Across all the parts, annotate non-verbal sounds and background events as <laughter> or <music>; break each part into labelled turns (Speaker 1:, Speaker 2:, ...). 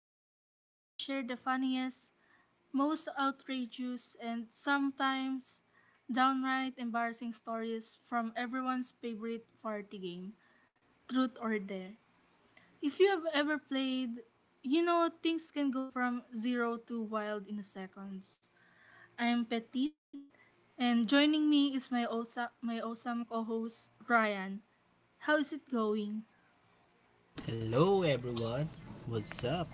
Speaker 1: podcast where we share the funniest, most outrageous, and sometimes downright embarrassing stories from everyone's favorite party game, Truth or Dare. If you have ever played, you know things can go from zero to wild in seconds. I am Petit, and joining me is my awesome co host, Ryan. How is it going?
Speaker 2: Hello, everyone. What's up?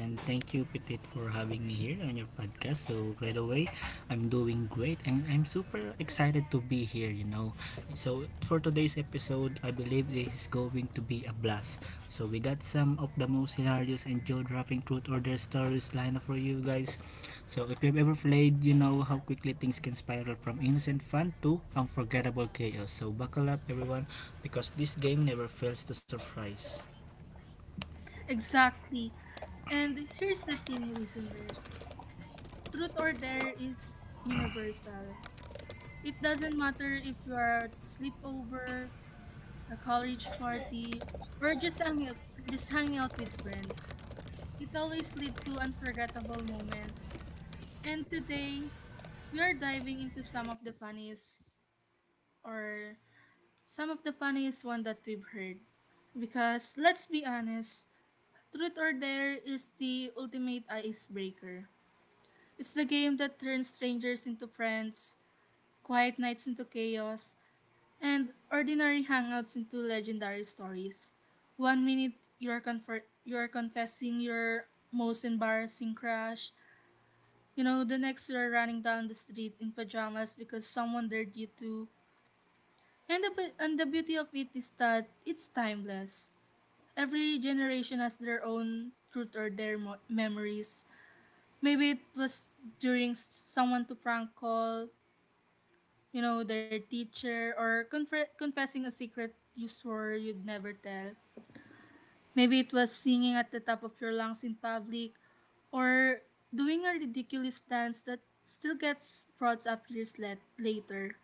Speaker 2: And thank you, Petit, for having me here on your podcast. So, by the way, I'm doing great and I'm super excited to be here, So, for today's episode, I believe this is going to be a blast. So, we got some of the most hilarious and jaw dropping truth or dare stories lined up for you guys. So, if you've ever played, you know how quickly things can spiral from innocent fun to unforgettable chaos. So, buckle up, everyone, because this game never fails to surprise.
Speaker 1: Exactly. And here's the thing, listeners, truth or dare is universal. It doesn't matter if you are at sleepover, a college party, or just hanging out with friends. It always leads to unforgettable moments. And today, we are diving into or some of the funniest one that we've heard. Because let's be honest, truth or dare is the ultimate icebreaker. It's the game that turns strangers into friends, quiet nights into chaos, and ordinary hangouts into legendary stories. One minute you are confessing your most embarrassing crush, the next you are running down the street in pajamas because someone dared you to. And the beauty of it is that it's timeless. Every generation has their own truth or their memories. Maybe it was someone to prank call, you know, their teacher or confessing a secret you swore you'd never tell. Maybe it was singing at the top of your lungs in public or doing a ridiculous dance that still gets brought up years later.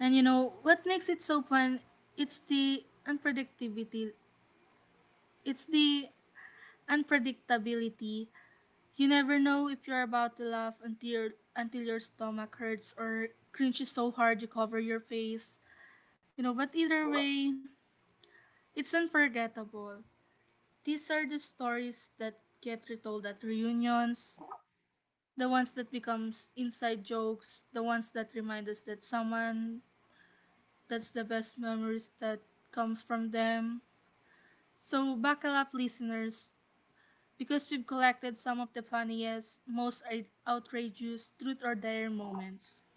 Speaker 1: And you know, what makes it so fun, it's the unpredictability. it's the unpredictability. You never know if you're about to laugh until your stomach hurts or cringes so hard you cover your face. You know, but either way, it's unforgettable. These are the stories that get retold at reunions, the ones that becomes inside jokes, the ones that remind us that someone that's the best memories that comes from them. So buckle up, listeners, because we've collected some of the funniest, most outrageous truth or dare moments,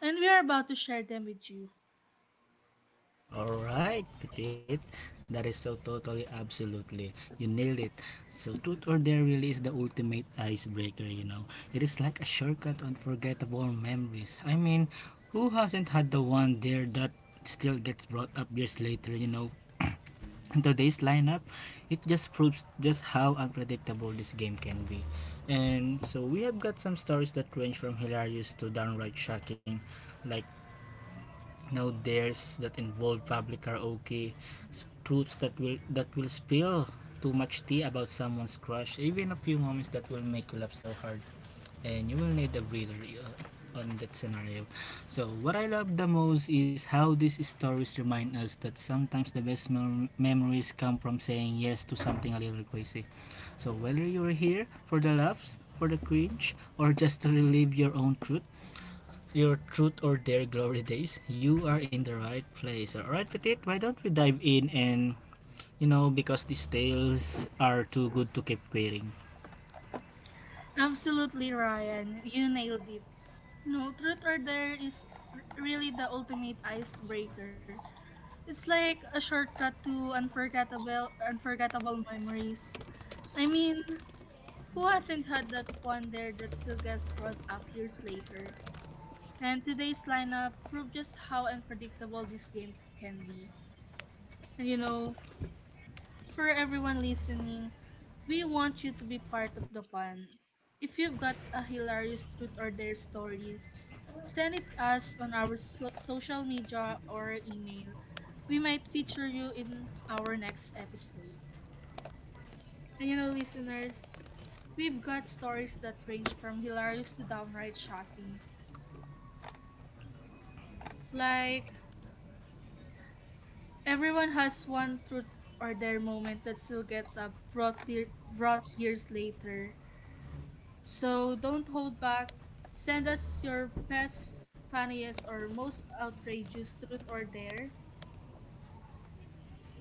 Speaker 1: and we are about to share them with you.
Speaker 2: Alright, Petit. That is so totally, absolutely. You nailed it. So, truth or dare really is the ultimate icebreaker, It is like a shortcut on forgettable memories. I mean, who hasn't had the one there that still gets brought up years later, you know? <clears throat> In today's lineup, it just proves just how unpredictable this game can be. And so we have got some stories that range from hilarious to downright shocking, like no dares that involve public karaoke, truths that will spill too much tea about someone's crush, even a few moments that will make you laugh so hard, and you will need a breather on that scenario. So what I love the most is how these stories remind us that sometimes the best memories come from saying yes to something a little crazy. So whether you're here for the laughs, for the cringe, or just to relive your own truth, your truth or dare glory days, you are in the right place. Alright, Petit, why don't we dive in and, because these tales are too good to keep waiting.
Speaker 1: Absolutely, Ryan. You nailed it. No, truth or dare is really the ultimate icebreaker. It's like a shortcut to unforgettable memories. I mean, who hasn't had that one dare that still gets brought up years later? And today's lineup proved just how unpredictable this game can be. And you know, for everyone listening, we want you to be part of the fun. If you've got a hilarious truth or dare story, send it us on our social media or email. We might feature you in our next episode. And you know, listeners, we've got stories that range from hilarious to downright shocking. Like, everyone has one truth or dare moment that still gets brought years later. So don't hold back. Send us your best, funniest, or most outrageous truth or dare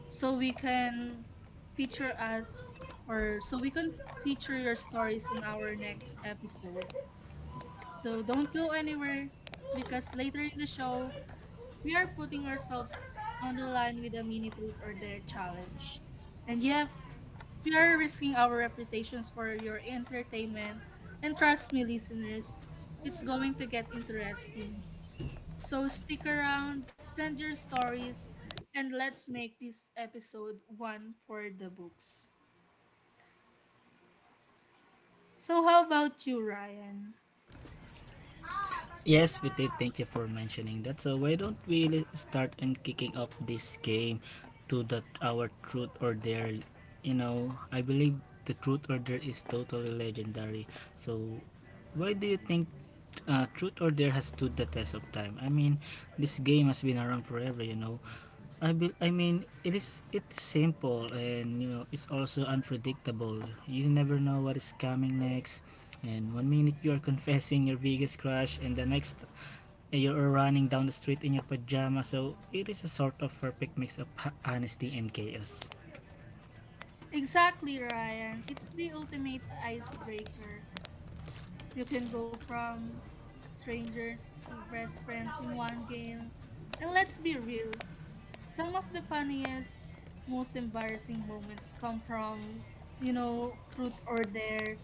Speaker 1: so we can feature us or so we can feature your stories in our next episode. So don't go anywhere because later in the show, we are putting ourselves on the line with a mini truth or dare challenge. And you have We are risking our reputations for your entertainment, and trust me, listeners, it's going to get interesting. So stick around, send your stories, and let's make this episode one for the books. So, how about you, Ryan?
Speaker 2: Yes, Petit, thank you for mentioning that. So why don't we start and kicking up this game to that our truth or dare, I believe the truth or dare is totally legendary. So why do you think Truth or Dare has stood the test of time? I mean, this game has been around forever, I mean, it's simple and you know it's also unpredictable. You never know what is coming next. And one minute you are confessing your biggest crush, and the next you are running down the street in your pajama. So it is a sort of perfect mix of <laughs> honesty and chaos.
Speaker 1: Exactly, Ryan. It's the ultimate icebreaker. You can go from strangers to best friends in one game. And let's be real, some of the funniest, most embarrassing moments come from, you know, truth or dare.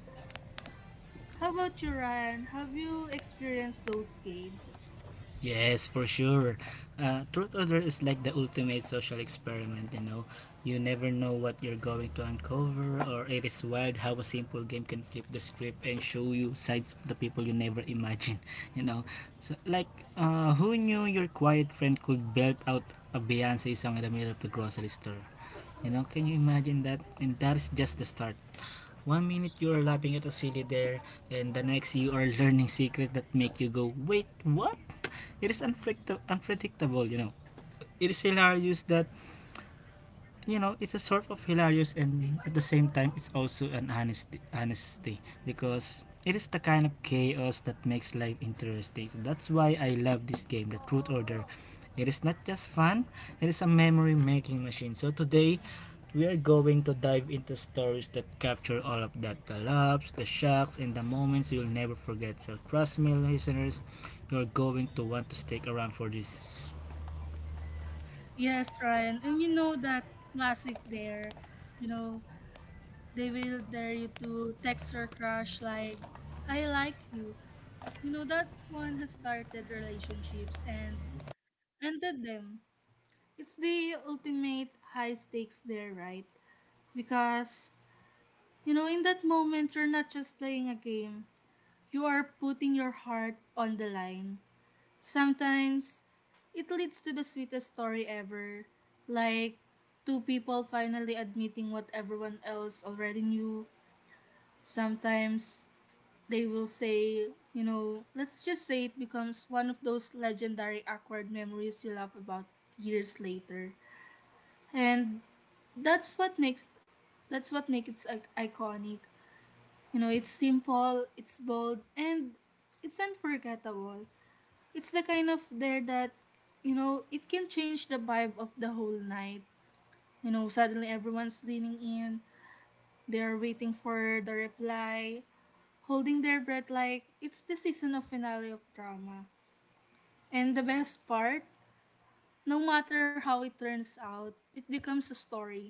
Speaker 1: How about you, Ryan? Have you experienced those games?
Speaker 2: Yes, for sure. Truth Order is like the ultimate social experiment, You never know what you're going to uncover, or it is wild how a simple game can flip the script and show you sides of the people you never imagined, <laughs> you know. So, like, who knew your quiet friend could belt out a Beyonce song in the middle of the grocery store? You know, can you imagine that? And that is just the start. One minute you are laughing at a silly dare, and the next you are learning secrets that make you go, wait, what? It is unpredictable, It is hilarious that, it's a sort of hilarious and at the same time it's also an honesty because it is the kind of chaos that makes life interesting. So that's why I love this game, The Truth Order. It is not just fun, it is a memory making machine. So today, we are going to dive into stories that capture all of that: the laughs, the shocks, and the moments you'll never forget. So, trust me, listeners, you're going to want to stick around for this.
Speaker 1: Yes, Ryan. And you know that classic dare, you know, they will dare you to text your crush like, "I like you." You know, that one has started relationships and ended them. It's the ultimate high stakes dare, right? Because, you know, in that moment, you're not just playing a game, you are putting your heart on the line. Sometimes, it leads to the sweetest story ever, like two people finally admitting what everyone else already knew. Sometimes, they will say, you know, let's just say it becomes one of those legendary awkward memories you laugh about years later. And that's what makes that's what makes it iconic. You know, it's simple, it's bold, and it's unforgettable. It's the kind of there that, you know, it can change the vibe of the whole night. You know, suddenly everyone's leaning in, they're waiting for the reply, holding their breath like it's the season of finale of drama. And the best part, no matter how it turns out, it becomes a story.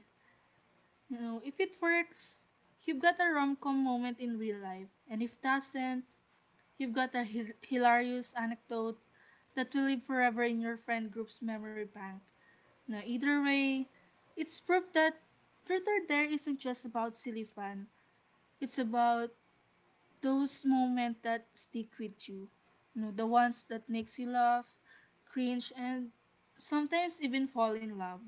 Speaker 1: You know, if it works, you've got a rom-com moment in real life. And if doesn't, you've got a hilarious anecdote that will live forever in your friend group's memory bank. Now, either way, it's proof that Twitter Dare isn't just about silly fun. It's about those moments that stick with you. You know, the ones that makes you laugh, cringe, and sometimes even fall in love.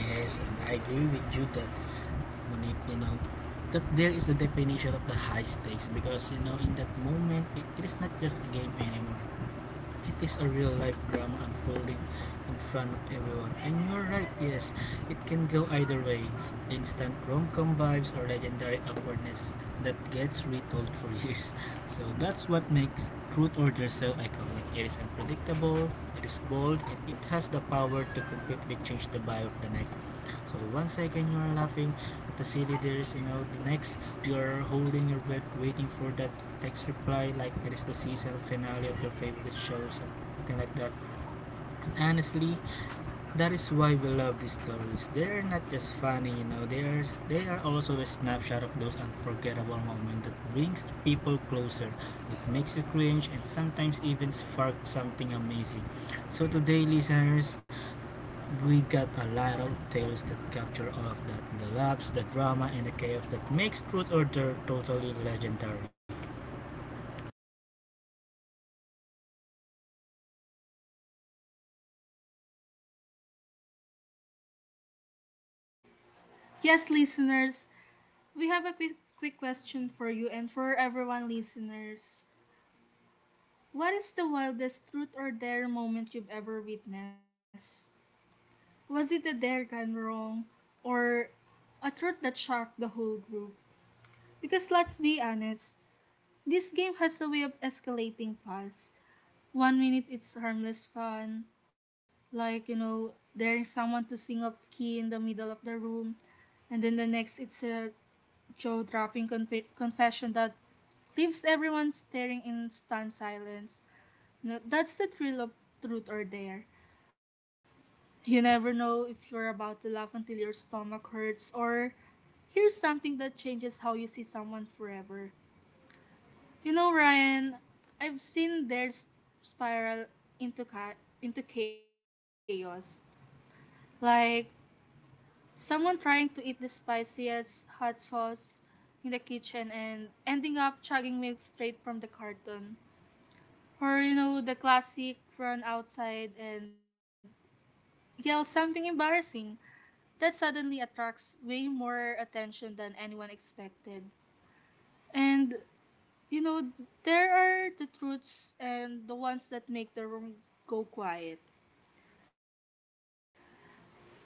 Speaker 2: Yes, and I agree with you that Monique, that there is a definition of the high stakes because you know in that moment it is not just a game anymore. It is a real life drama unfolding in front of everyone. And you're right, yes, it can go either way. Instant rom com vibes or legendary awkwardness that gets retold for <laughs> years. So that's what makes Truth Order so iconic. It is unpredictable, it is bold, and it has the power to completely change the vibe of the night. So one second you are laughing at the silly dears, the next you are holding your breath waiting for that text reply like it is the season finale of your favorite show, something like that. Honestly, that is why we love these stories. They are not just funny, they are also the snapshot of those unforgettable moments that brings people closer. It makes you cringe and sometimes even spark something amazing. So today listeners, we got a lot of tales that capture all of that: the laughs, the drama, and the chaos that makes truth or Dare totally legendary.
Speaker 1: Yes, listeners, we have a quick question for you and for every yes listeners We have a quick question for you and for everyone, listeners. What is the wildest truth or dare moment you've ever witnessed? Was it a dare gone wrong or a truth that shocked the whole group? Because let's be honest, this game has a way of escalating fast. One minute it's harmless fun, like you know, daring someone to sing off key in the middle of the room, and then the next it's a Joe dropping confession that leaves everyone staring in stunned silence. You know, that's the thrill of truth or dare. You never know if you're about to laugh until your stomach hurts or hear something that changes how you see someone forever. You know, Ryan, I've seen theirs spiral into chaos. Like someone trying to eat the spiciest hot sauce in the kitchen and ending up chugging milk straight from the carton. Or, you know, the classic run outside and yell something embarrassing that suddenly attracts way more attention than anyone expected. And, you know, there are the truths and the ones that make the room go quiet.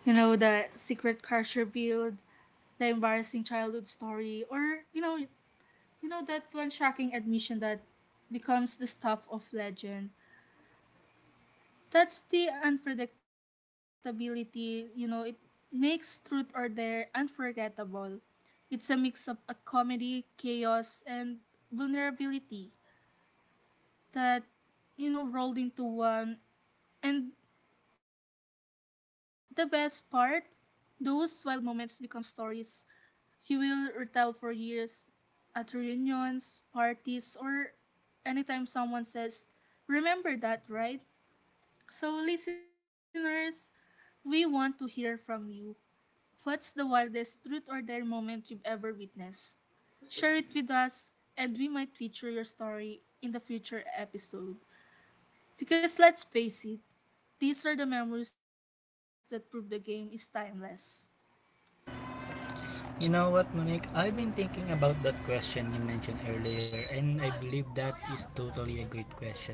Speaker 1: You know, the secret crush revealed, the embarrassing childhood story, or you know that one shocking admission that becomes the stuff of legend. That's the unpredictability, you know, it makes truth or dare unforgettable. It's a mix of a comedy, chaos, and vulnerability that, you know, rolled into one. And the best part, those wild moments become stories he will retell for years at reunions, parties, or anytime someone says, "Remember that, right?" So, listeners, we want to hear from you. What's the wildest truth or dare moment you've ever witnessed? Share it with us, and we might feature your story in the future episode. Because let's face it, these are the memories that prove the game is timeless.
Speaker 2: You know what Monique, I've been thinking about that question you mentioned earlier and I believe that is totally a great question,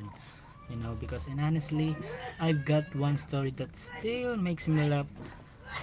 Speaker 2: because and honestly I've got one story that still makes me laugh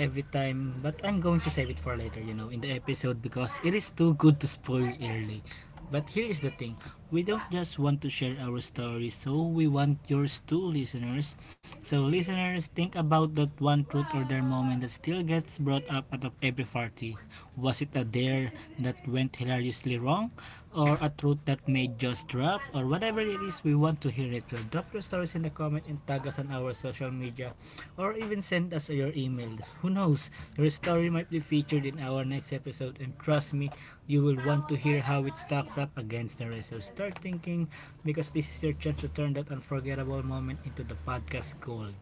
Speaker 2: every time, but I'm going to save it for later, in the episode because it is too good to spoil early. But here is the thing: we don't just want to share our stories, so we want yours too, listeners. So, listeners, think about that one truth or dare moment that still gets brought up at every party. Was it a dare that went hilariously wrong, or a truth that may just drop, or whatever it is, we want to hear it. So, drop your stories in the comment and tag us on our social media or even send us your email. Who knows? Your story might be featured in our next episode, and trust me, you will want to hear how it stacks up against the rest. So start thinking because this is your chance to turn that unforgettable moment into the podcast gold.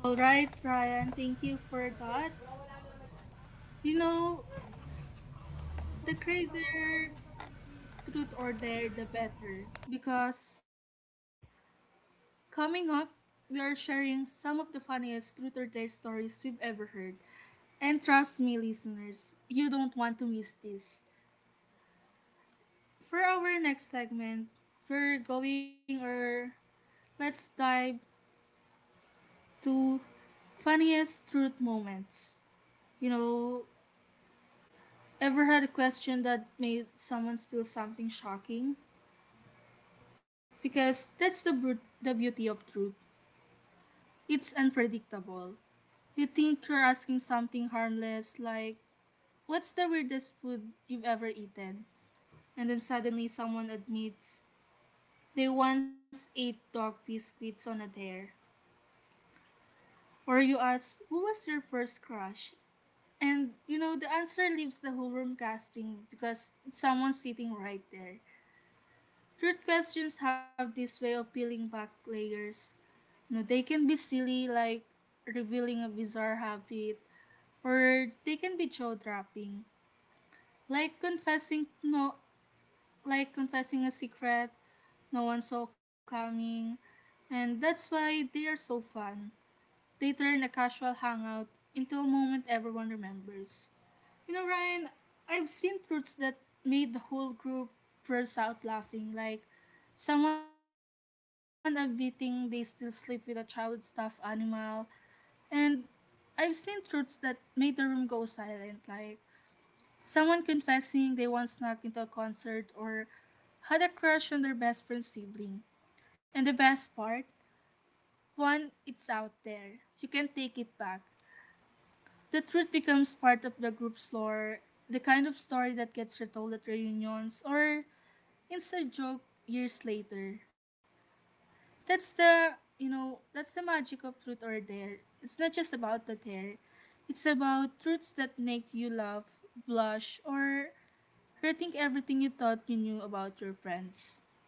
Speaker 1: All right, Ryan, thank you for that. You know, the crazier truth or dare, the better. Because coming up, we are sharing some of the funniest truth or dare stories we've ever heard. And trust me, listeners, you don't want to miss this. For our next segment, we're going or let's dive to funniest truth moments. You know, ever had a question that made someone spill something shocking? Because that's the the beauty of truth. It's unpredictable. You think you're asking something harmless, like, "What's the weirdest food you've ever eaten?" And then suddenly someone admits they once ate dog biscuits on a dare. Or you ask, "Who was your first crush?" And, you know, the answer leaves the whole room gasping because it's someone sitting right there. Truth questions have this way of peeling back layers. You know, they can be silly, like revealing a bizarre habit, or they can be jaw-dropping, like confessing no, like confessing a secret no one saw coming, and that's why they are so fun. They turn a casual hangout into a moment everyone remembers. You know, Ryan, I've seen truths that made the whole group burst out laughing, like someone admitting they still sleep with a childhood stuffed animal, and I've seen truths that made the room go silent, like someone confessing they once snuck into a concert or had a crush on their best friend's sibling. And the best part, one, it's out there. You can take it back. The truth becomes part of the group's lore, the kind of story that gets retold at reunions or inside joke years later. That's the, that's the magic of truth or dare. It's not just about the dare. It's about truths that make you laugh, blush, or rethink everything you thought you knew about your friends.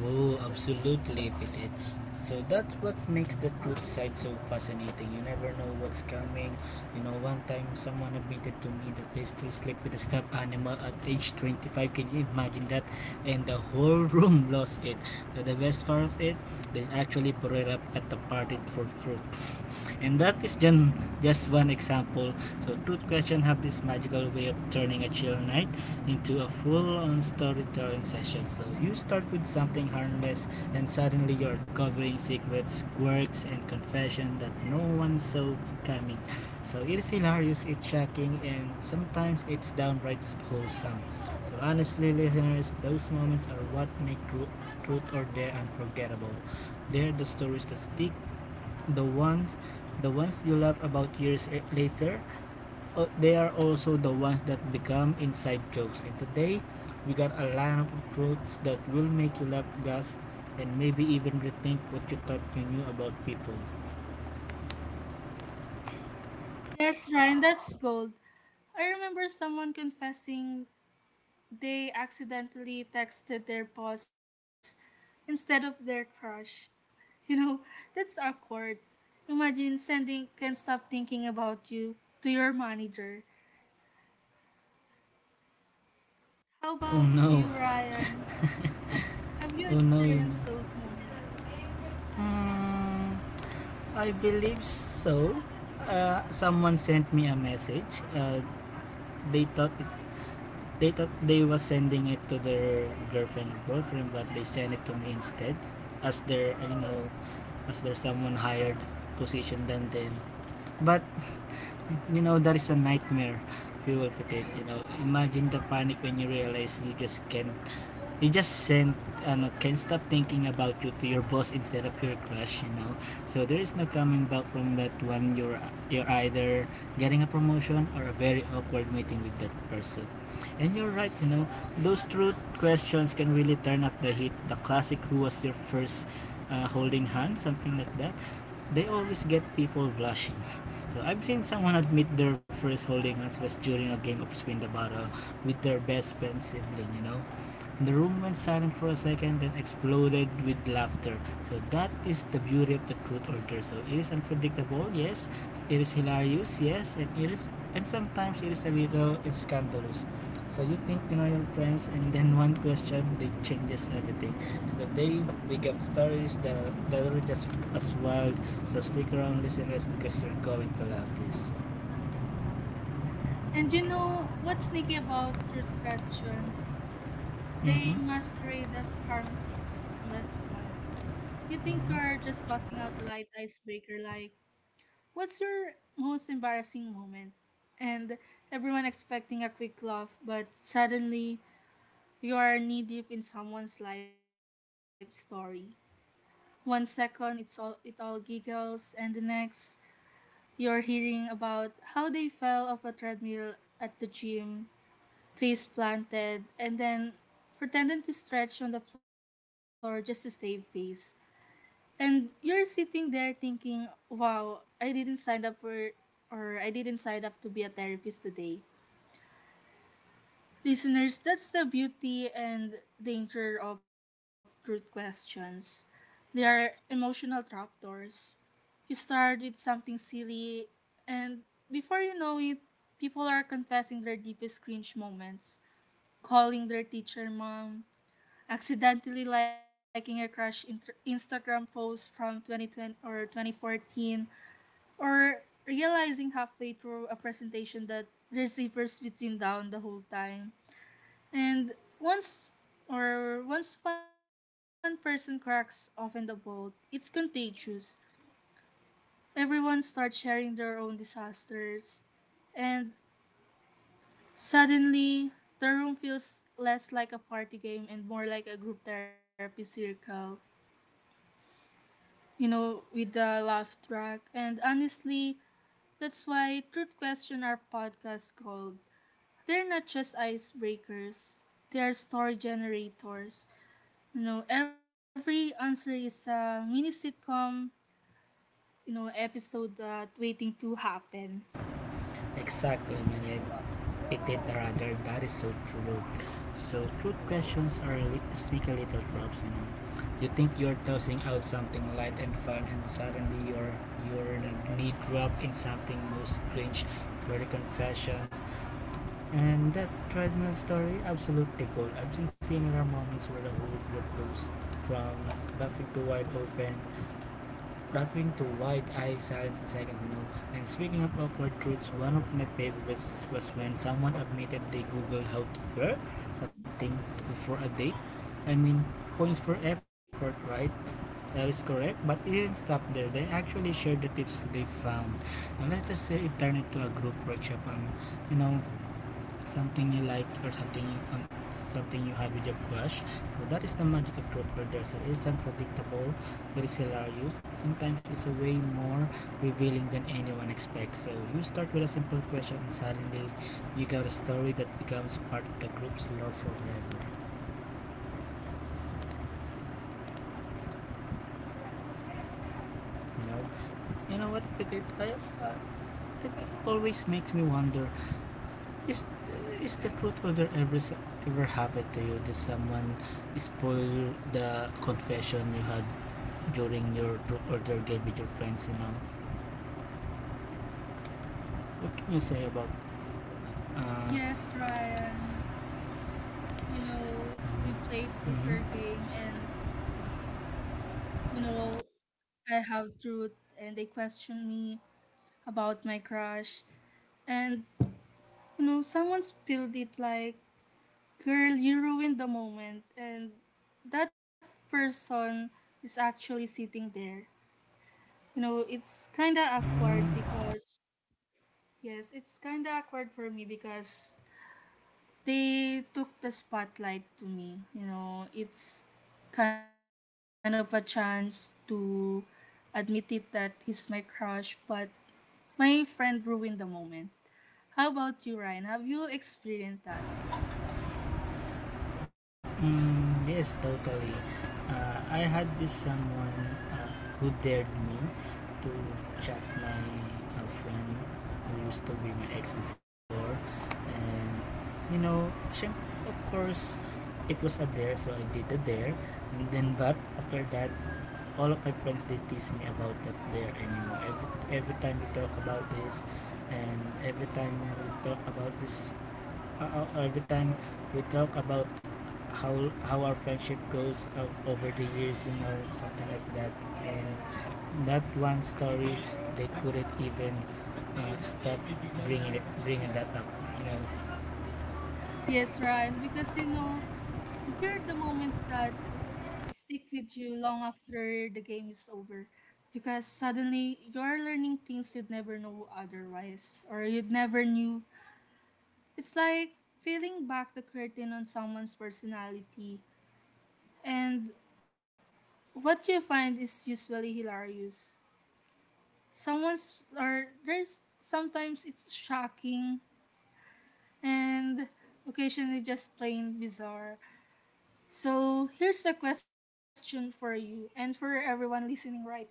Speaker 2: Oh, absolutely, Pitit. So that's what makes the truth side so fascinating. You never know what's coming. You know, one time someone admitted to me that they still sleep with a stuffed animal at age 25. Can you imagine that? And the whole <laughs> room lost it. The best part of it, they actually brought it up at the party for fruit. <laughs> And that is just one example. So, truth question have this magical way of turning a chill night into a full-on storytelling session. So you start with something harmless, and suddenly you're uncovering secrets, quirks, and confession that no one saw coming. So it is hilarious, it's shocking, and sometimes it's downright wholesome. So honestly, listeners, those moments are what make Truth or Dare unforgettable. They're the stories that stick, the ones, the ones you laugh about years later, they are also the ones that become inside jokes. And today, we got a lineup of truths that will make you laugh, gasp, and maybe even rethink what you thought you knew about people.
Speaker 1: Yes, Ryan, that's gold. I remember someone confessing they accidentally texted their boss instead of their crush. <laughs> You know, that's awkward. Imagine sending can't stop thinking about you to your manager. How
Speaker 2: Oh
Speaker 1: about
Speaker 2: no,
Speaker 1: you, Ryan? Have you
Speaker 2: oh no,
Speaker 1: experienced those moments?
Speaker 2: Hmm, I believe so. Someone sent me a message. Uh, they thought it, they thought they was sending it to their girlfriend or boyfriend, but they sent it to me instead, as their, as their someone hired position than them. But you know that is a nightmare if you will put it you know imagine the panic when you realize you just can't you just send ano, can stop thinking about you to your boss instead of your crush so there is no coming back from that one you're either getting a promotion or a very awkward meeting with that person and you're right those truth questions can really turn up the heat. The classic who was your first holding hand something like that they always get people blushing. <laughs> So I've seen someone admit their first holding hands was during a game of spin the bottle with their best friend sibling, The room went silent for a second, then exploded with laughter. So that is the beauty of the truth or dare. So it is unpredictable, yes. It is hilarious, yes, and sometimes it is a little scandalous. So you think you know your friends, and then <laughs> one question they changes everything. And the day we got stories that are just as wild. So stick around, listeners, because you're going to love this.
Speaker 1: And you know what's sneaky about truth questions? They
Speaker 2: Mm-hmm.
Speaker 1: masquerade as harmless fun. You think you're just tossing
Speaker 2: Mm-hmm.
Speaker 1: out a light icebreaker like, what's your most embarrassing moment? And everyone expecting a quick laugh, but suddenly you are knee deep in someone's life story. One second it's all giggles, and the next you're hearing about how they fell off a treadmill at the gym, face planted, and then pretending to stretch on the floor just to save face. And you're sitting there thinking, wow, I didn't sign up to be a therapist today. Listeners, that's the beauty and danger of truth questions. They are emotional trapdoors. You start with something silly, and before you know it, people are confessing their deepest cringe moments, calling their teacher mom, accidentally liking a crush Instagram post from 2020 or 2014, or realizing halfway through a presentation that there's a first between down the whole time. And once once one person cracks open the boat, it's contagious. Everyone starts sharing their own disasters, and suddenly the room feels less like a party game and more like a group therapy circle, you know, with the laugh track. And honestly, that's why Truth Question our podcast called. They're not just icebreakers, they are story generators. You know, every answer is a mini sitcom, you know, episode that waiting to happen.
Speaker 2: Exactly, Manit. etc. There, that is so true. So truth questions are sneaky little traps. You know, you think you're tossing out something light and fun, and suddenly you're knee drop in something most cringe, pretty confessions, and that treadmill story absolutely gold. I've seen similar moments where the whole group goes from laughing to wide open Dropping to wide eyed silence in seconds ago. And speaking of awkward truths, one of my favorites was when someone admitted they googled how to flirt something before a date. I mean, points for effort, right? That is correct, but it didn't stop there. They actually shared the tips they found. And let us say it turned into a group workshop on, you know, something you like or something something you had with your crush. So that is the magic of truth or dare. So it's unpredictable, it is hilarious, sometimes it's a way more revealing than anyone expects. So you start with a simple question and suddenly you got a story that becomes part of the group's lore forever you know you know what Petit? Uh, it always makes me wonder, is is the truth whether ever ever happened to you? Did someone spoil the confession you had during your group order game with your friends, you know. What can you say about? Uh,
Speaker 1: Yes, Ryan. You know, we played Truth or
Speaker 2: mm,
Speaker 1: Game, and you know, I have truth and they question me about my crush. And you know, someone spilled it like, girl, you ruined the moment. And that person is actually sitting there. You know, it's kind of awkward
Speaker 2: mm,
Speaker 1: because, yes, it's kind of awkward for me because they took the spotlight to me. You know, it's kind of a chance to admit it that he's my crush, but my friend ruined the moment. How about you, Ryan? Have you experienced that?
Speaker 2: mm, yes, totally. I had this someone uh, who dared me to chat my friend who used to be my ex before, and you know, syem- of course, it was a dare, so I did the dare, and then but after that, all of my friends they tease me about that there anymore every time we talk about this and every time we talk about this every time we talk about how our friendship goes over the years, you know, something like that. And that one story they couldn't even stop bringing that up, you know.
Speaker 1: Yes, Ryan, because you know, they're the moments that stick with you long after the game is over, because suddenly you're learning things you'd never know otherwise, or you'd never knew. It's like peeling back the curtain on someone's personality, and what you find is usually hilarious. Someone's or there's sometimes it's shocking, and occasionally just plain bizarre. So here's a question for you and for everyone listening right now.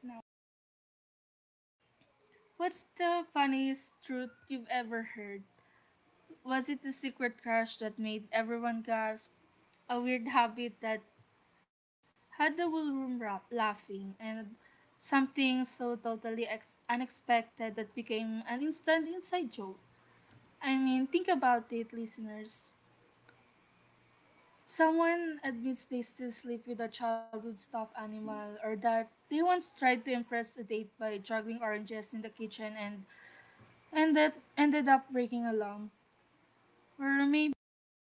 Speaker 1: What's the funniest truth you've ever heard? Was it the secret crush that made everyone gasp? A weird habit that had the whole room laughing? And something so totally unexpected that became an instant inside joke? I mean, think about it, listeners. Someone admits they still sleep with a childhood stuffed animal, or that they once tried to impress a date by juggling oranges in the kitchen, and that ended up breaking a lump. Or maybe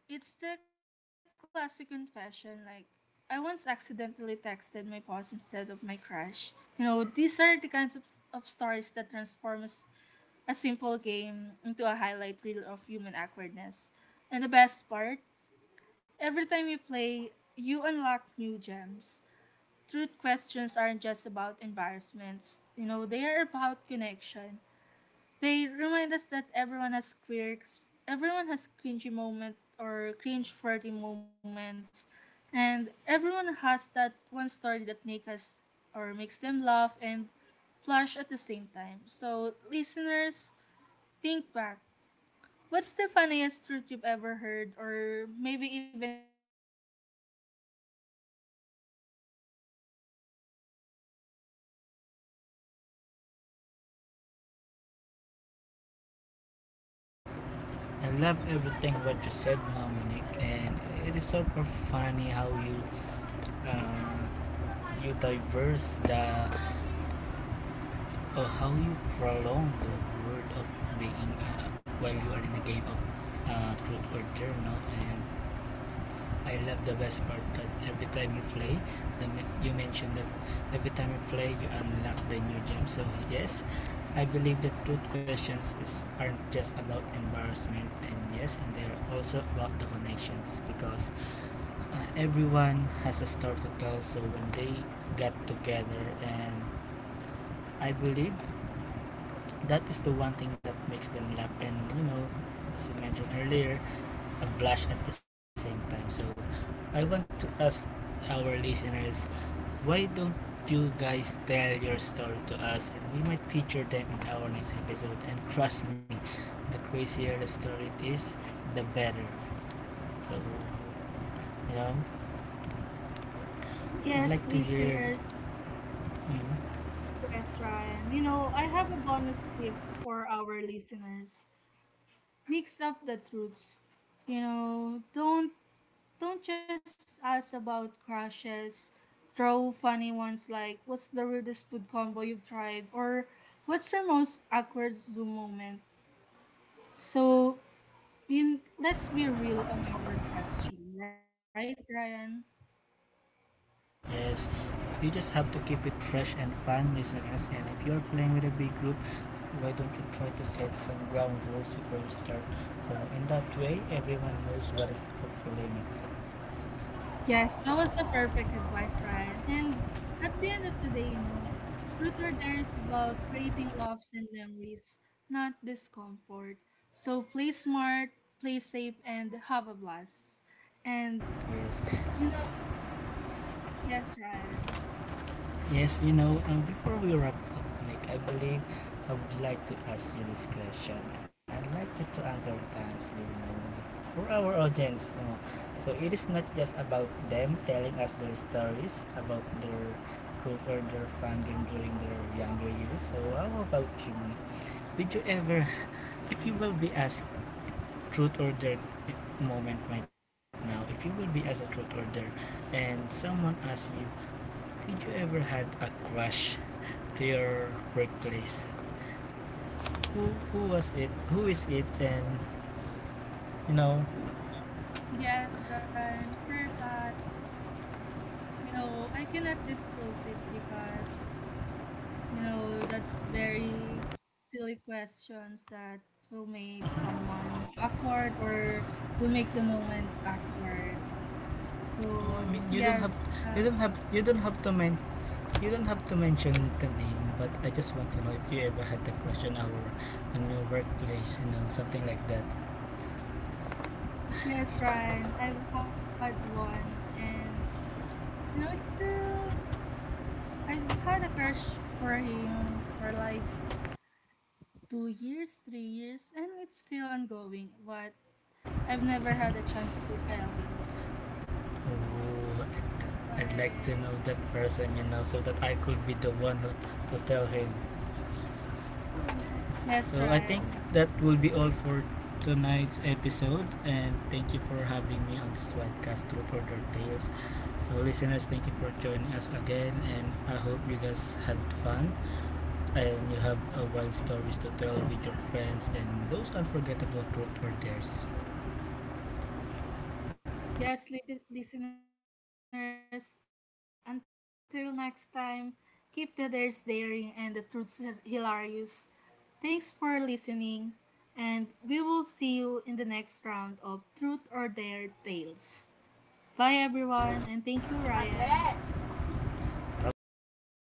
Speaker 1: it's the classic confession like, I once accidentally texted my boss instead of my crush. You know, these are the kinds of stories that transform a simple game into a highlight reel of human awkwardness. And the best part, every time you play, you unlock new gems. Truth questions aren't just about embarrassments, you know, they are about connection. They remind us that everyone has quirks, everyone has cringy moment or cringe worthy moments, and everyone has that one story that make us or makes them laugh and flush at the same time. So, listeners, think back. What's the funniest truth you've ever heard, or maybe even confessed to yourself? Because those are the stories that make Truth or Dare less of a game and more of a comedy show mixed with group
Speaker 2: I
Speaker 1: therapy.
Speaker 2: love everything what you said, Dominic, and it is super funny how you uh, you diverse the or how you prolong the word of being while you are in a game of truth or dare, no. And I love the best part that every time you play, you mentioned that every time you play you unlock the new gem. So yes, I believe that truth questions is aren't just about embarrassment, and yes, and they're also about the connections, because everyone has a story to tell. So when they got together, and I believe that is the one thing that makes them laugh and, you know, as you mentioned earlier, a blush at the same time. So I want to ask our listeners, why don't you guys tell your story to us and we might feature them in our next episode? And trust me, the crazier the story it is, the better. So, you know, I'd like
Speaker 1: Yes,
Speaker 2: to hear.
Speaker 1: listeners.
Speaker 2: mm,
Speaker 1: Yes, Ryan. You know, I have a bonus tip for our listeners. Mix up the truths. You know, don't just ask about crushes. Throw funny ones like what's the weirdest food combo you've tried, or what's your most awkward Zoom moment. So, we, let's be real on our question, right, Ryan?
Speaker 2: Yes, you just have to keep it fresh and fun, listeners. And if you're playing with a big group, why don't you try to set some ground rules before you start? So, in that way, everyone knows what is off limits.
Speaker 1: Yes, that was a perfect advice, Ryan. And at the end of the day, you know, truth or dare is about creating loves and memories, not discomfort. So, play smart, play safe, and have a blast. And,
Speaker 2: Yes.
Speaker 1: you know, yes, Ryan.
Speaker 2: Yes, you know, before we wrap up, Nick, I believe I would like to ask you this question, and I'd like you to answer it honestly, you know, for our audience. So it is not just about them telling us their stories about their growth or their fandom during their younger years. So how about you, Nick? Did you ever, if you will be asked truth or dare eh, moment right now, if you will be asked a truth or dare, and someone asks you, did you ever had a crush to your workplace, who was it, who is it, and you know.
Speaker 1: Yes, Ryan, for that, you know, I cannot disclose it because you know, that's very silly questions that will make someone awkward or will make the moment awkward. So
Speaker 2: Oh, I mean you don't
Speaker 1: yes,
Speaker 2: have, you don't have to men you don't have to mention the name, but I just want to know if you ever had the question our on your workplace, you know, something like that.
Speaker 1: yes, Ryan, I've had one, and you know, it's still I've had a crush for him for like two years, three years, and it's still ongoing. But I've never had a chance to tell him. You know,
Speaker 2: Oh,
Speaker 1: that's
Speaker 2: I'd
Speaker 1: why.
Speaker 2: like to know that person, you know, so that I could be the one who to tell him.
Speaker 1: Yes,
Speaker 2: So I
Speaker 1: Ryan. You
Speaker 2: think
Speaker 1: know,
Speaker 2: that will be all for tonight's episode, and thank you for having me on this podcast, Truth or Dare Tales. So, listeners, thank you for joining us again, and I hope you guys had fun and you have wild stories to tell with your friends and those unforgettable group or dares.
Speaker 1: yes, listeners, until next time, keep the dares daring and the truths hilarious. Thanks for listening, and we will see you in the next round of Truth or Dare Tales. Bye, everyone, and thank you, Ryan.
Speaker 2: Bye bye.